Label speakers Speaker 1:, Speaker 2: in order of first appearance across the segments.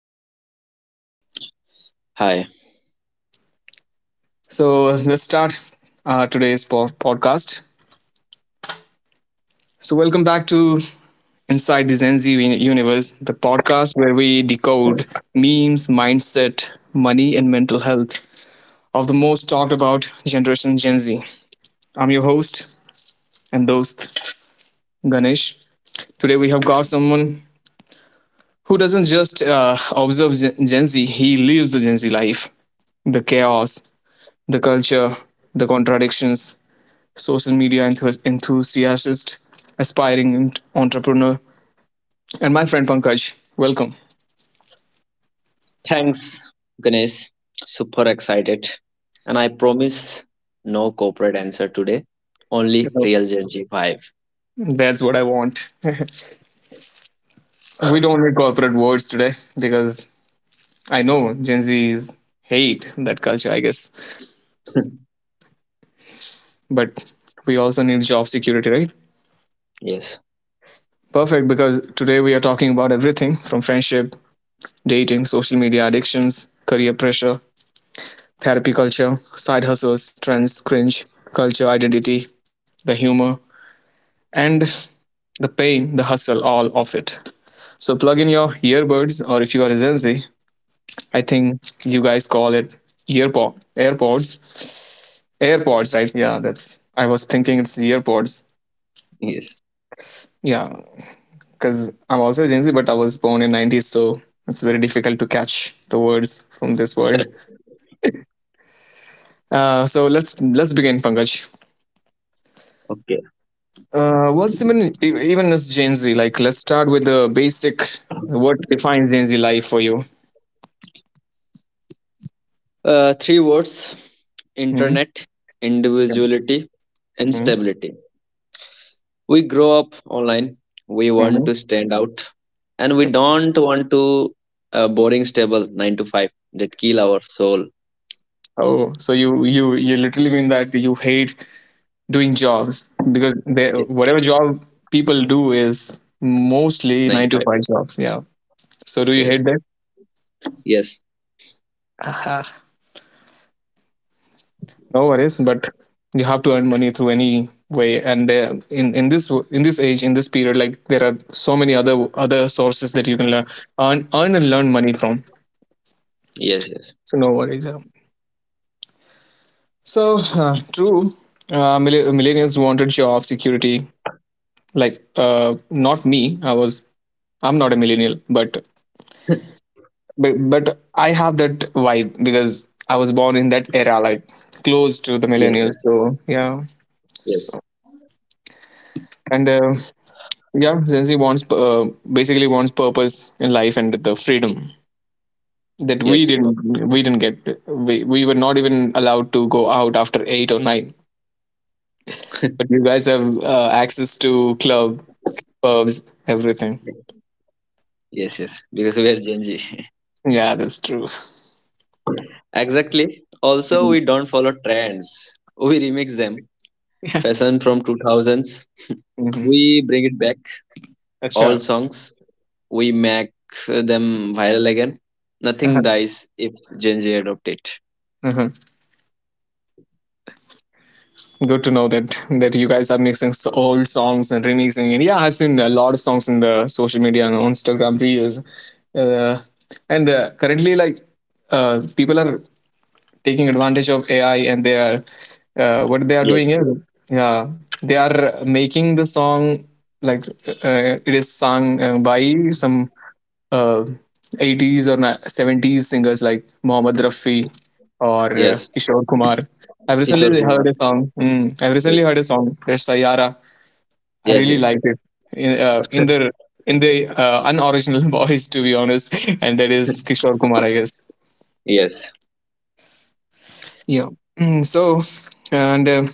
Speaker 1: Pankaj.
Speaker 2: Hi.
Speaker 1: So let's start today's podcast. So welcome back to Inside the Gen Z Universe, the podcast where we decode memes, mindset, money, and mental health of the most talked about generation Gen Z. I'm your host and dost Ganesh. Today we have got someone who doesn't just observe Gen Z; he lives the Gen Z life, the chaos, the culture, the contradictions, social media enthusiast, aspiring entrepreneur, and my friend Pankaj. Welcome.
Speaker 2: Thanks, Ganesh. Super excited. And I promise no corporate answer today, only
Speaker 1: So,
Speaker 2: real Gen G 5.
Speaker 1: That's what I want. We don't need corporate words today because I know Gen Z's hate that culture, I guess. But we also need job security, right?
Speaker 2: Yes,
Speaker 1: Perfect, because today we are talking about everything from friendship, dating, social media addictions, career pressure, therapy culture, side hustles, trends, cringe, culture, identity, the humor, and the pain, the hustle, all of it. So plug in your earbuds, or if you are a Gen Z, I think you guys call it earpod, AirPods, AirPods, right? Yeah, that's. I was thinking it's earpods.
Speaker 2: yes.
Speaker 1: Yeah, because I'm also a Gen Z, but I was born in '90s, so it's very difficult to catch the words from this world. So let's begin, Pankaj.
Speaker 2: Okay.
Speaker 1: What's even even as Gen Z? Like, let's start with the basic. What defines Gen Z life for you?
Speaker 2: Three words:
Speaker 1: Mm-hmm.
Speaker 2: internet,
Speaker 1: Yeah.
Speaker 2: individuality, and
Speaker 1: Mm-hmm.
Speaker 2: stability. We grow up online, we want
Speaker 1: Mm-hmm.
Speaker 2: to stand out, and we
Speaker 1: Yep.
Speaker 2: don't want to a boring, stable 9 to 5 that kill our soul.
Speaker 1: Oh, so you literally mean that you hate doing jobs because they,
Speaker 2: Yeah,
Speaker 1: whatever job people do is mostly
Speaker 2: 9 to
Speaker 1: nine
Speaker 2: 5.
Speaker 1: to five jobs. Yeah.
Speaker 2: Yes,
Speaker 1: So do you
Speaker 2: yes,
Speaker 1: hate that?
Speaker 2: yes,
Speaker 1: uh No worries, but you have to earn money through any way. And there, in this age, in this period, like there are so many other sources that you can learn earn and learn money from.
Speaker 2: yes,
Speaker 1: So no worries, yeah. So true. Millennials wanted job security. Like not me. I'm not a millennial, but
Speaker 2: yes.
Speaker 1: but I have that vibe because I was born in that era, like close to the
Speaker 2: Yes.
Speaker 1: millennials. So yeah,
Speaker 2: Yes,
Speaker 1: so, and yeah, Gen Z wants basically wants purpose in life and the freedom that we
Speaker 2: yes,
Speaker 1: didn't we didn't get. We were not even allowed to go out after eight or nine, but you guys have access to club, pubs, everything.
Speaker 2: yes, yes. Because we are Gen Z.
Speaker 1: Yeah, that's true.
Speaker 2: Exactly. Also, we don't follow trends. We remix them. Fashion from 2000s.
Speaker 1: Mm-hmm.
Speaker 2: We bring it back. All
Speaker 1: Acha.
Speaker 2: songs. We make them viral again. Nothing dies if Gen Z adopt it.
Speaker 1: Good to know that you guys are mixing old songs and remixing it. Yeah, I've seen a lot of songs in the social media and on Instagram reels, uh, and currently like people are taking advantage of AI and they are what they are
Speaker 2: Yes,
Speaker 1: doing is yeah they are making the song like it is sung by some uh, 80s or 70s singers like Mohammad Rafi or
Speaker 2: yes.
Speaker 1: Kishore Kumar. I've
Speaker 2: Kishore
Speaker 1: recently heard
Speaker 2: Kumar.
Speaker 1: a song. I've recently
Speaker 2: Yes,
Speaker 1: heard a song, that's Sayara. I
Speaker 2: yes,
Speaker 1: really
Speaker 2: yes,
Speaker 1: liked it in in the unoriginal voice, to be honest, and that is Kishore Kumar, I guess.
Speaker 2: yes,
Speaker 1: Yeah. Mm, so, and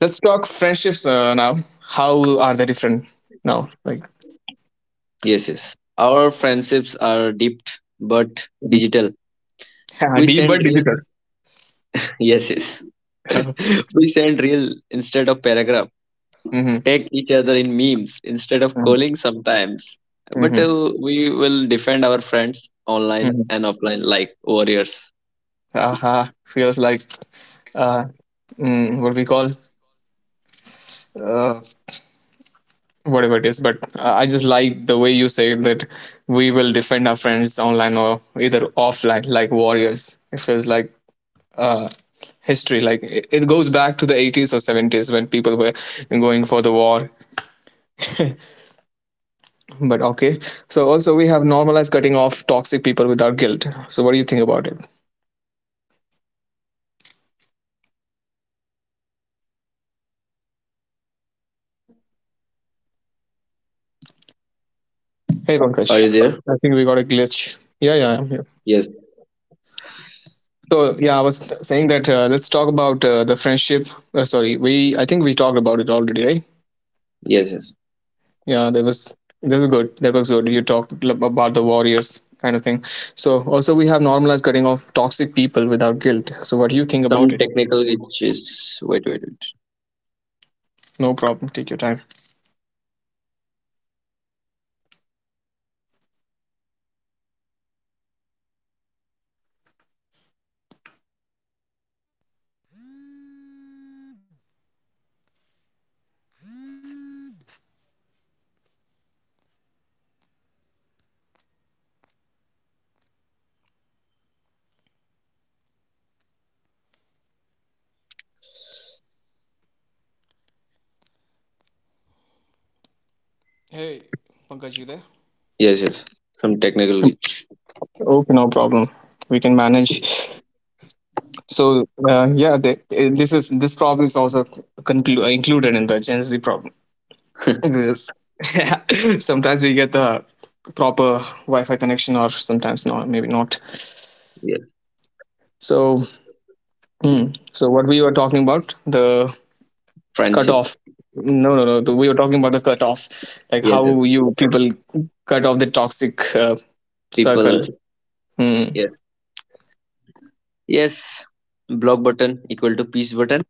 Speaker 1: let's talk friendships now. How are they different now? Like
Speaker 2: yes, yes. Our friendships are deep but digital.
Speaker 1: Mhm.
Speaker 2: We
Speaker 1: Deep
Speaker 2: send
Speaker 1: but
Speaker 2: real.
Speaker 1: digital.
Speaker 2: Yes, yes. We send real instead of paragraph.
Speaker 1: Hmm.
Speaker 2: Take each other in memes instead of calling sometimes. But
Speaker 1: Hmm.
Speaker 2: we will defend our friends online
Speaker 1: Hmm.
Speaker 2: and offline like warriors.
Speaker 1: Haha, feels like uh, what we call uh, whatever it is. But I just like the way you say that we will defend our friends online or either offline, like warriors. It feels like uh, history. Like it goes back to the 80s or 70s when people were going for the war. But okay. So also we have normalized cutting off toxic people without guilt. So what do you think about it? Hey, Pankaj. I think we got a glitch. Yeah, yeah, I'm here. So yeah, I was saying that let's talk about the friendship. Sorry, we I think we talked about it already, right? Yeah, there was this is good. That was good. You talked about the warriors kind of thing. So also we have normalized cutting off toxic people without guilt. So what do you think about it? No problem. Take your time.
Speaker 3: Yes, yes. Some technical glitch.
Speaker 4: So yeah, this problem is also included in the Gen Z problem. Yes, sometimes we get the proper Wi-Fi connection, or sometimes not, maybe not.
Speaker 3: Yes.
Speaker 4: So hmm. so what we were talking about, the
Speaker 3: Friendship.
Speaker 4: cutoff. No, no, no. We were talking about the cutoff, like
Speaker 3: Yes, yes.
Speaker 4: how you people cut off the toxic
Speaker 3: People.
Speaker 4: circle. Hmm.
Speaker 3: Yes. Yes. Block button equal to peace button.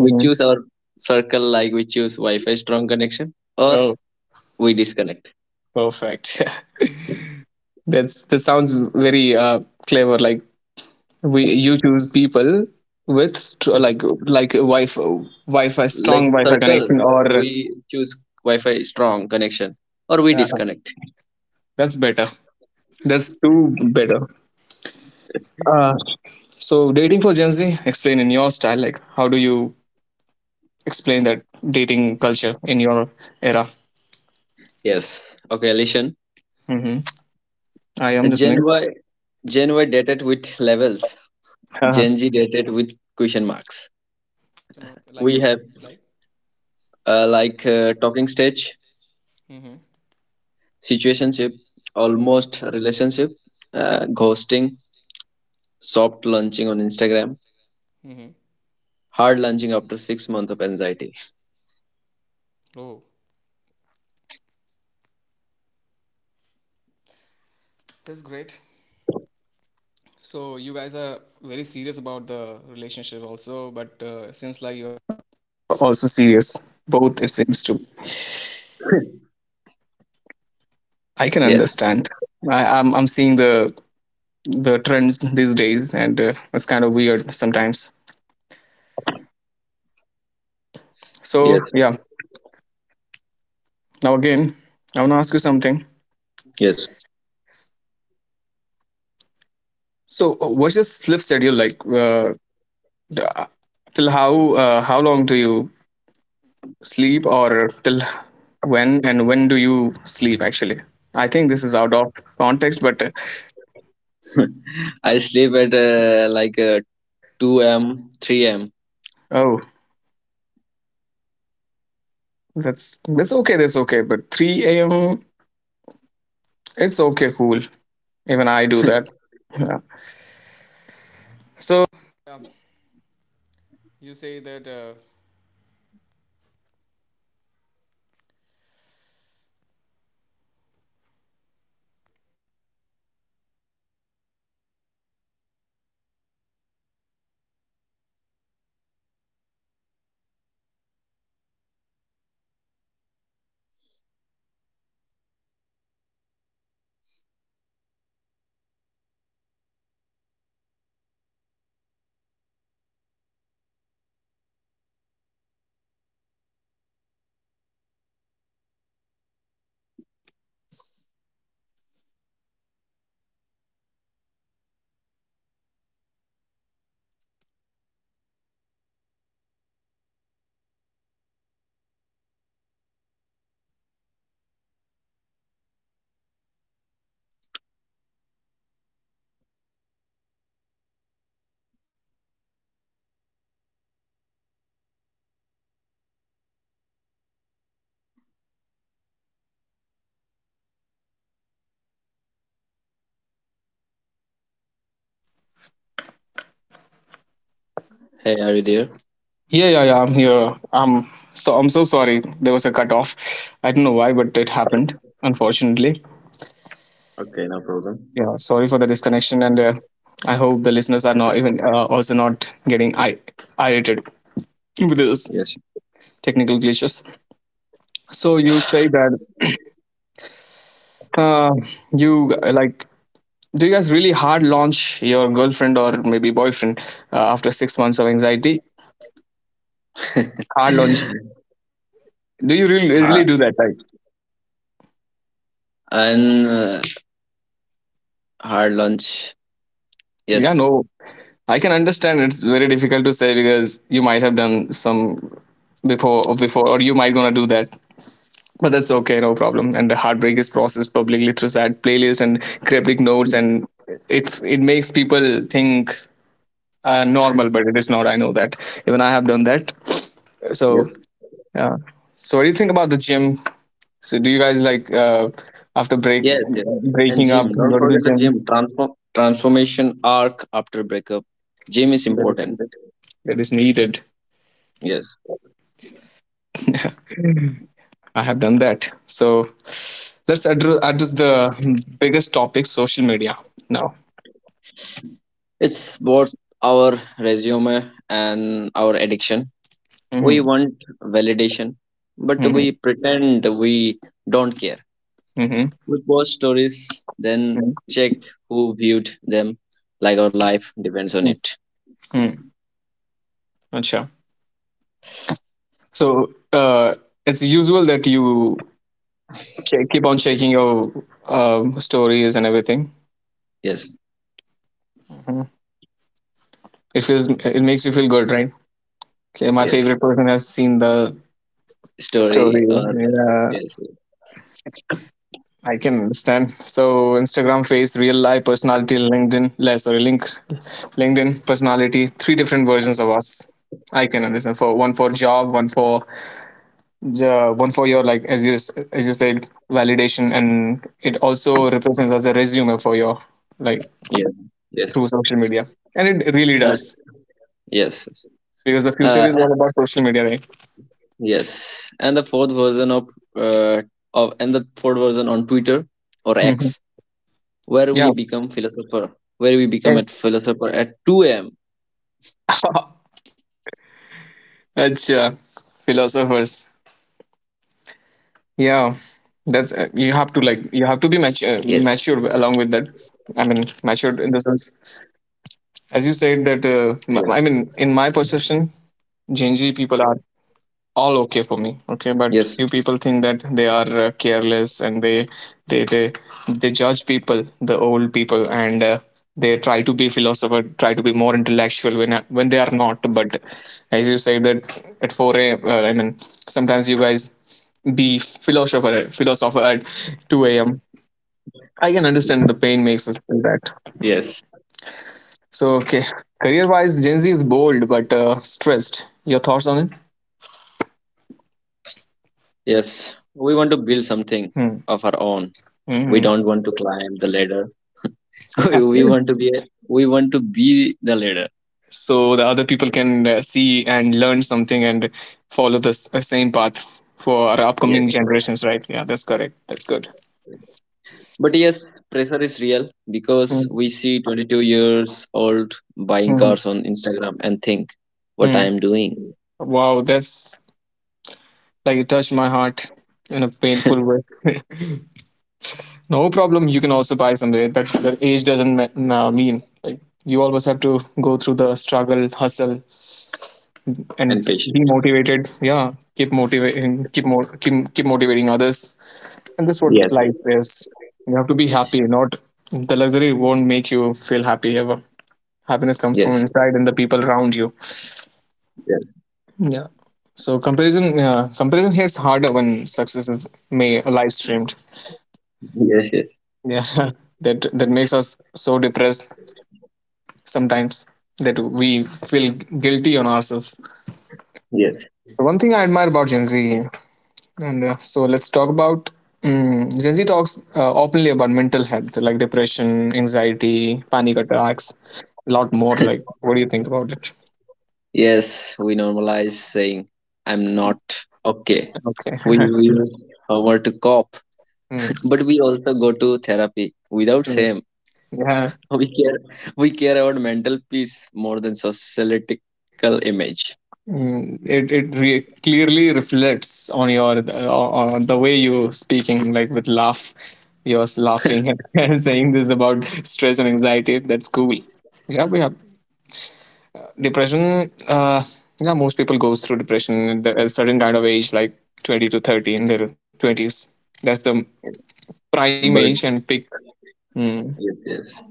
Speaker 4: Hmm, hmm.
Speaker 3: choose our circle like we choose Wi-Fi strong connection or
Speaker 4: Oh,
Speaker 3: we disconnect.
Speaker 4: perfect. That sounds very clever. Like, we you choose people with like like a wife wi-fi strong
Speaker 3: Like
Speaker 4: wi-fi
Speaker 3: circle,
Speaker 4: connection, or
Speaker 3: we choose Wi-Fi strong connection or we
Speaker 4: uh,
Speaker 3: disconnect.
Speaker 4: that's better that's too better. uh, so, dating for Gen Z, explain in your style, like, how do you explain that dating culture in your era?
Speaker 3: Yes. Okay, Alishan.
Speaker 4: hmm I am
Speaker 3: Gen
Speaker 4: listening.
Speaker 3: Y, Gen Y dated with levels. Gen Z dated with question marks. We have like talking stage, situationship, almost relationship, ghosting, soft launching on Instagram, hard launching after 6 months of anxiety.
Speaker 5: I can
Speaker 3: Yes,
Speaker 5: understand. I'm seeing the trends these days, and it's kind of weird sometimes. So
Speaker 3: yes,
Speaker 5: yeah. Now again, I want to ask you something.
Speaker 3: yes.
Speaker 5: So what's your sleep schedule like? The- uh, Till how long do you sleep, or till when and when do you sleep? Actually, I think this is out of context, but
Speaker 3: I sleep at like 2 a.m., 3 a m.
Speaker 5: oh, that's okay. That's okay. But three a.m. It's okay. Cool. Even I do that. Yeah.
Speaker 3: Hey, are you there?
Speaker 6: Yeah, yeah, yeah, I'm here. I'm so sorry. There was a cut off. I don't know why, but it happened. Unfortunately.
Speaker 3: Okay, no problem.
Speaker 6: Yeah. Sorry for the disconnection, and I hope the listeners are not even also not getting irritated with this
Speaker 3: Yes.
Speaker 6: technical glitches. So you say that uh, you like. Do you guys really hard launch your girlfriend or maybe boyfriend after 6 months of anxiety? Hard launch. Do you really really
Speaker 3: Ha-
Speaker 6: do that? Like,
Speaker 3: and hard lunch.
Speaker 6: yeah,
Speaker 3: Yes.
Speaker 6: no, I can understand it's very difficult to say because you might have done some before or you might gonna do that. But that's okay, no problem. And the heartbreak is processed publicly through sad playlist and cryptic notes, and it makes people think normal, but it is not. I know that. Even I have done that. So
Speaker 3: Yes.
Speaker 6: yeah. So what do you think about the gym? So do you guys like, after
Speaker 3: Yes, yes. And
Speaker 6: breaking up,
Speaker 3: gym. Don't
Speaker 6: go to
Speaker 3: forget
Speaker 6: the
Speaker 3: the
Speaker 6: gym?
Speaker 3: gym. Transformation arc after breakup. Gym is
Speaker 6: That is
Speaker 3: important.
Speaker 6: needed. That is needed.
Speaker 3: Yes.
Speaker 6: I have done that. So let's address the biggest topic, social media, now.
Speaker 3: It's both our resume and our addiction. We
Speaker 6: Mm-hmm.
Speaker 3: want validation, but
Speaker 6: Mm-hmm.
Speaker 3: we pretend we don't care.
Speaker 6: Mm-hmm.
Speaker 3: We post stories, then check who viewed them, like our life depends on it.
Speaker 6: Mm-hmm. Acha. So it's usual that you keep on checking your stories and everything.
Speaker 3: Yes,
Speaker 6: Mhm. It feels, it makes you feel good, right? Okay, my
Speaker 3: yes.
Speaker 6: favorite person has seen the
Speaker 3: Story
Speaker 6: story.
Speaker 3: or
Speaker 6: Yeah.
Speaker 3: yes, yes,
Speaker 6: I can understand. So Instagram face, real life personality, LinkedIn, LinkedIn personality, three different versions of us. I can understand. For one, for job, one for one for your, like, as as you said, validation, and it also represents as a resume for your, like,
Speaker 3: yes. Yes.
Speaker 6: through social media, and it really
Speaker 3: Uh,
Speaker 6: does,
Speaker 3: yes. Yes.
Speaker 6: because the future
Speaker 3: Uh,
Speaker 6: is all about social media, right?
Speaker 3: Yes, and the fourth version uh, of and the fourth version on Twitter or
Speaker 6: Mhm.
Speaker 3: X, where we
Speaker 6: Yeah.
Speaker 3: become philosopher, where we become a philosopher at 2 a.m.
Speaker 6: Achha, philosophers.
Speaker 3: Yes,
Speaker 6: Yeah, that's you have to, like, you have to be mature, mature along with that. I mean, matured in the
Speaker 3: yes,
Speaker 6: sense, as you said that. I mean, in my perception, Gen Z
Speaker 3: yes,
Speaker 6: people are all okay for me. Okay, but few people think that they are careless, and they they they judge people, the old people, and they try to be philosopher, try to be more intellectual when they are not. But as you said, that at four a, m, I mean, sometimes you guys be philosopher at 2 a.m. I can understand, the pain makes us
Speaker 3: yes,
Speaker 6: feel that. So okay, career wise, Gen Z is bold but stressed. Your thoughts on it?
Speaker 3: yes. We want to build something of
Speaker 6: Hmm.
Speaker 3: our own. We don't
Speaker 6: Mhm.
Speaker 3: want to climb the ladder. We want to be a, we want to be the ladder.
Speaker 6: So the other people can see and learn something and follow the same path for our upcoming
Speaker 3: Yes,
Speaker 6: generations, right? Yeah, that's correct. That's good.
Speaker 3: but yes, pressure is real because
Speaker 6: Hmm.
Speaker 3: we see 22 years old buying
Speaker 6: Hmm.
Speaker 3: cars on Instagram and think what I
Speaker 6: Mm.
Speaker 3: am doing.
Speaker 6: Wow, that's like, it touched my heart in a painful way. No problem. You can also buy somewhere. That age doesn't mean. Like, you always have to go through the struggle, hustle,
Speaker 3: And
Speaker 6: and be
Speaker 3: patient.
Speaker 6: motivated. Yeah, keep motivating, keep motivating others. And that's what
Speaker 3: Yes,
Speaker 6: life is. You have to be happy. Not The luxury won't make you feel happy ever. Happiness comes from
Speaker 3: yes,
Speaker 6: inside and the people around you.
Speaker 3: yes,
Speaker 6: Yeah. So comparison hits harder when success is may live streamed.
Speaker 3: yes, yes,
Speaker 6: Yeah, that that makes us so depressed sometimes that we feel guilty on ourselves. So one thing I admire about Gen Z, and so let's talk about Gen Z talks openly about mental health, like depression, anxiety, panic attacks, a lot more.
Speaker 3: yes.
Speaker 6: Like, what do you think about it?
Speaker 3: Yes, we normalize saying, I'm not okay. We
Speaker 6: Okay.
Speaker 3: we use humor to cope.
Speaker 6: Hmm.
Speaker 3: But we also go to therapy without
Speaker 6: Hmm.
Speaker 3: shame.
Speaker 6: Yeah.
Speaker 3: We care, we care about mental peace more than societal image.
Speaker 6: Mm, clearly reflects on your on the way you speaking, like, with laugh, you're laughing and saying this about stress and anxiety. That's cool. Yeah, we have. Depression, yeah, most people goes through depression at a certain kind of age, like 20 to 30, in their 20s. That's the prime age
Speaker 3: But
Speaker 6: and peak. Hmm.
Speaker 3: yes, yes,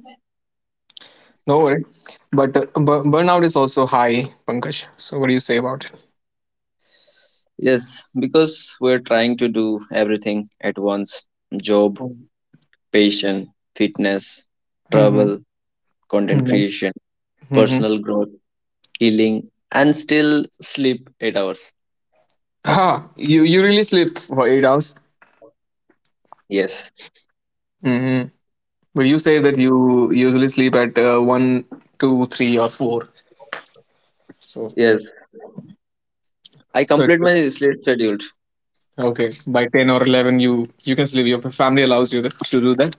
Speaker 6: No worry. But burnout is also high, Pankaj. So what do you say about it?
Speaker 3: yes, because we're trying to do everything at once: job, patient, fitness,
Speaker 6: Mm-hmm.
Speaker 3: travel, content
Speaker 6: Mm-hmm.
Speaker 3: creation,
Speaker 6: Mm-hmm.
Speaker 3: personal growth, healing, and still sleep 8 hours.
Speaker 6: Ah, you really sleep for 8 hours.
Speaker 3: Yes,
Speaker 6: Mm-hmm. But you say that you usually sleep at one, two, three, or four. So
Speaker 3: yes. I
Speaker 6: so
Speaker 3: complete
Speaker 6: it-
Speaker 3: my sleep schedule.
Speaker 6: okay, by 10 or 11, you can sleep. Your family allows you that, to do that.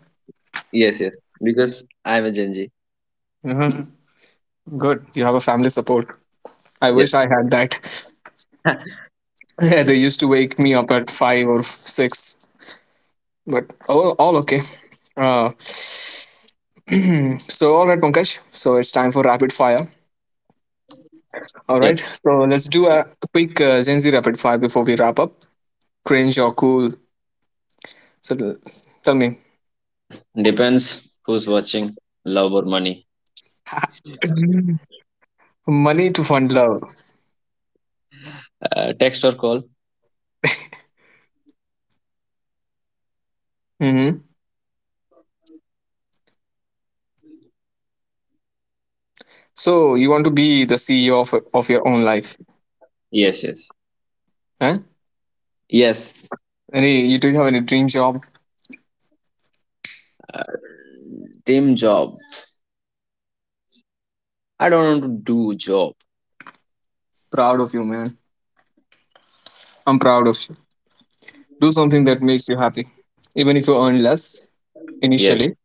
Speaker 3: Yes, yes. Because I'm a Gen Z.
Speaker 6: Mhm. Good. You have a family support. I wish
Speaker 3: Yes,
Speaker 6: I had that. Yeah, they used to wake me up at five or six, but all okay. Uh, so, all right, Pankaj. So, it's time for rapid fire. All right.
Speaker 3: yes.
Speaker 6: So, let's do a quick Gen Z rapid fire before we wrap up. Cringe or cool? So, l- tell me.
Speaker 3: Depends who's watching, love or money.
Speaker 6: Money to fund love.
Speaker 3: Text or call.
Speaker 6: Hmm. So, you want to be the CEO of your own life?
Speaker 3: Yes, yes.
Speaker 6: Eh?
Speaker 3: Yes.
Speaker 6: Any? You Do you have any dream job?
Speaker 3: Uh, dream job. I don't want to do job.
Speaker 6: Proud of you, man. I'm proud of, do something that makes you happy, even if you earn less
Speaker 3: Yes,
Speaker 6: initially,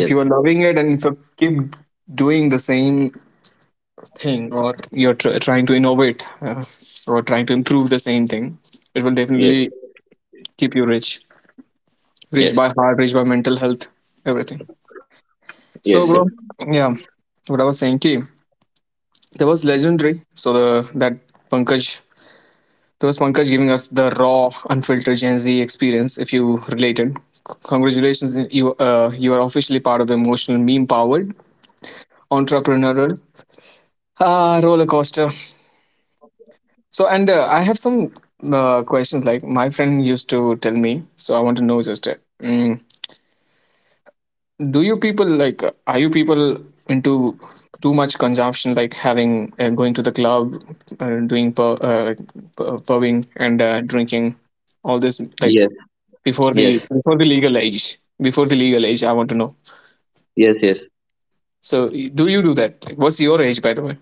Speaker 6: if you are loving it, and if you keep doing the same thing, or you're trying to innovate, or trying to improve the same thing, it will
Speaker 3: yes,
Speaker 6: definitely keep you rich, rich
Speaker 3: yes,
Speaker 6: by heart, rich by mental health, everything.
Speaker 3: yes,
Speaker 6: So
Speaker 3: yes,
Speaker 6: bro, yeah, what I was saying key, there was legendary. So the that pankaj That was Pankaj giving us the raw, unfiltered Gen Z experience. If you related, congratulations! You are officially part of the emotional, meme powered, entrepreneurial, roller coaster. So, and I have some questions. Like my friend used to tell me, so I want to know just mm, do you people like, are you people into too much consumption, like having, going to the club, doing pub, pubbing, and drinking all this, like,
Speaker 3: yes,
Speaker 6: before the
Speaker 3: yes,
Speaker 6: before the legal age, before the legal age, I want to know.
Speaker 3: yes, yes.
Speaker 6: So do you do that? Like, what's your age, by the way?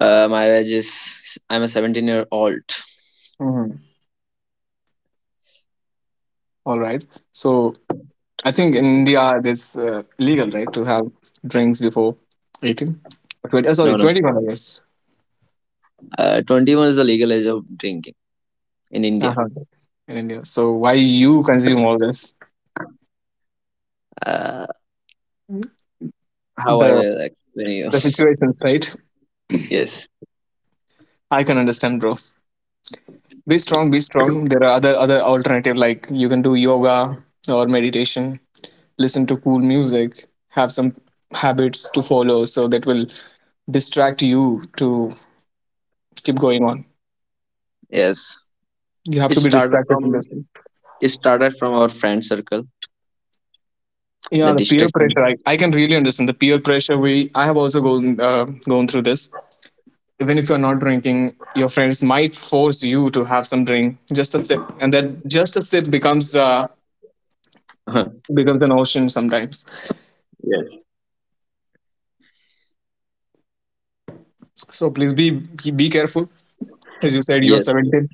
Speaker 3: My age is I'm a 17-year-old.
Speaker 6: Mhm. All right. So I think in India it's legal right to have drinks before 18. Or 20, sorry,
Speaker 3: No, no.
Speaker 6: 21, I guess.
Speaker 3: 21 is the legal age of drinking in India.
Speaker 6: Uh-huh. In India, so why you consume all this,
Speaker 3: Uh, how I
Speaker 6: the
Speaker 3: will explain you.
Speaker 6: the situation, right?
Speaker 3: Yes,
Speaker 6: I can understand, bro. Be strong, there are other alternative, like, you can do yoga or meditation, listen to cool music, have some habits to follow, so that will distract you, to keep going on.
Speaker 3: yes.
Speaker 6: You have
Speaker 3: It
Speaker 6: to be
Speaker 3: started
Speaker 6: distracted
Speaker 3: from
Speaker 6: in this.
Speaker 3: it started from our friend circle,
Speaker 6: Yeah,
Speaker 3: the
Speaker 6: the peer
Speaker 3: distraction.
Speaker 6: pressure. I can really understand the peer pressure. We I have also gone through this. Even if you're not drinking, your friends might force you to have some drink, just a sip, and that just a sip becomes an ocean sometimes.
Speaker 3: Yes,
Speaker 6: So please be careful. As you said, you're
Speaker 3: yes,
Speaker 6: 17.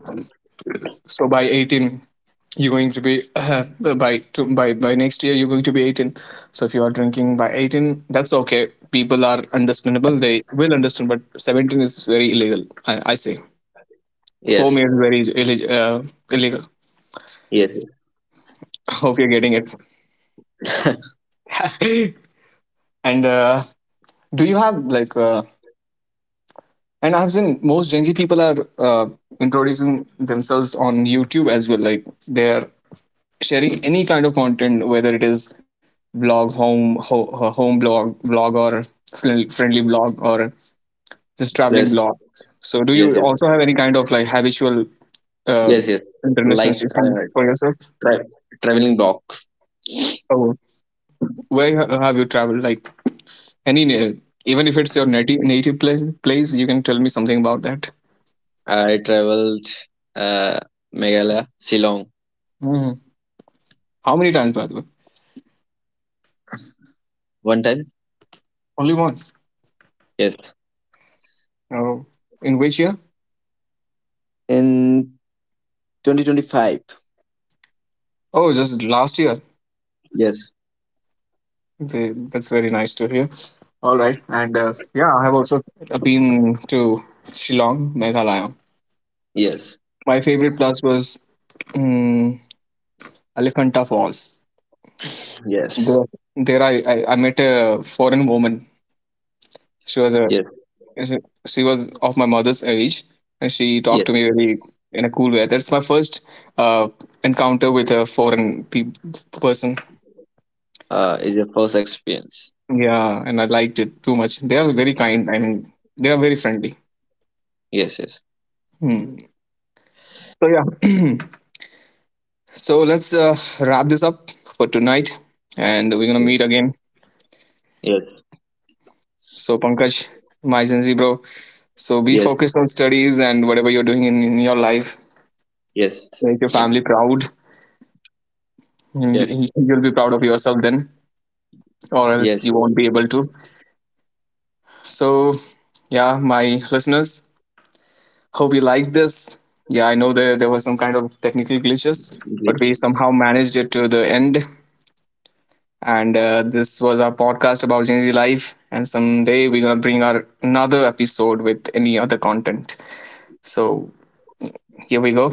Speaker 6: So by 18, you're going to be by to, by by next year, you're going to be 18. So if you are drinking by 18, that's okay. People are understandable; they will understand. But 17 is very illegal. I say, for me
Speaker 3: yes,
Speaker 6: it's very illegal.
Speaker 3: yes,
Speaker 6: Hope you're getting it.
Speaker 3: yes.
Speaker 6: and do you have like? And I've seen most Gen Z people are introducing themselves on YouTube as well. Like, they're sharing any kind of content, whether it is vlog, home blog, vlog, or friendly vlog, or just traveling
Speaker 3: Yes,
Speaker 6: vlog. So, do
Speaker 3: yes,
Speaker 6: you
Speaker 3: yes,
Speaker 6: also have any kind of like habitual uh,
Speaker 3: yes. Yes.
Speaker 6: international
Speaker 3: Like
Speaker 6: station for yourself?
Speaker 3: tra- traveling blocks.
Speaker 6: Oh, where have you traveled? Like, any, even if it's your native place, you can tell me something about that.
Speaker 3: I traveled uh, Meghalaya, Shillong
Speaker 6: Mhm. How many times, by the way?
Speaker 3: one time.
Speaker 6: Only once.
Speaker 3: Yes,
Speaker 6: Oh. In which year?
Speaker 3: and
Speaker 6: Oh, just last year.
Speaker 3: yes,
Speaker 6: That's very nice to hear. All right, and yeah, I have also been to Shillong, Meghalaya.
Speaker 3: yes,
Speaker 6: My favorite place was um, Elephanta Falls.
Speaker 3: yes,
Speaker 6: There, there I met a foreign woman. She was a
Speaker 3: yes,
Speaker 6: she was of my mother's age, and she talked to
Speaker 3: yes.
Speaker 6: me very in a cool way. That's my first uh, encounter with a foreign person.
Speaker 3: Is your first experience.
Speaker 6: Yeah, and I liked it too much. They are very kind. I mean, they are very friendly.
Speaker 3: Yes, yes.
Speaker 6: Hmm. So yeah. So let's wrap this up for tonight, and we're gonna meet again.
Speaker 3: Yes,
Speaker 6: So Pankaj, my Gen Z bro. So be
Speaker 3: yes,
Speaker 6: focused on studies and whatever you're doing in your life.
Speaker 3: yes,
Speaker 6: Make your family proud.
Speaker 3: yes,
Speaker 6: You'll be proud of yourself then, or
Speaker 3: yes,
Speaker 6: else you won't be able to. So yeah, my listeners, hope you liked this. Yeah, I know there was some kind of technical glitches, but we
Speaker 3: yes.
Speaker 6: somehow managed it to the end. And this was our podcast about Gen Z life. And someday we're gonna bring our another episode with any other content. So here we go.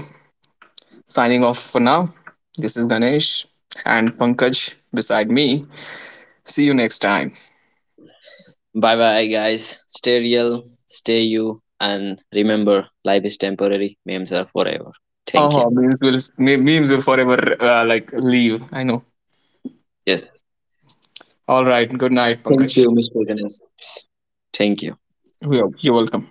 Speaker 6: Signing off for now. This is Ganesh and Pankaj beside me. See you next time.
Speaker 3: Bye bye, guys. Stay real, stay you, and remember life is temporary, memes are forever. Thank you.
Speaker 6: Oh, memes will memes will forever like leave. I know.
Speaker 3: Yes.
Speaker 6: All right. Good night,
Speaker 3: Thank
Speaker 6: Pankaj.
Speaker 3: you, Mr. Ganesh. Thank you.
Speaker 6: You're welcome.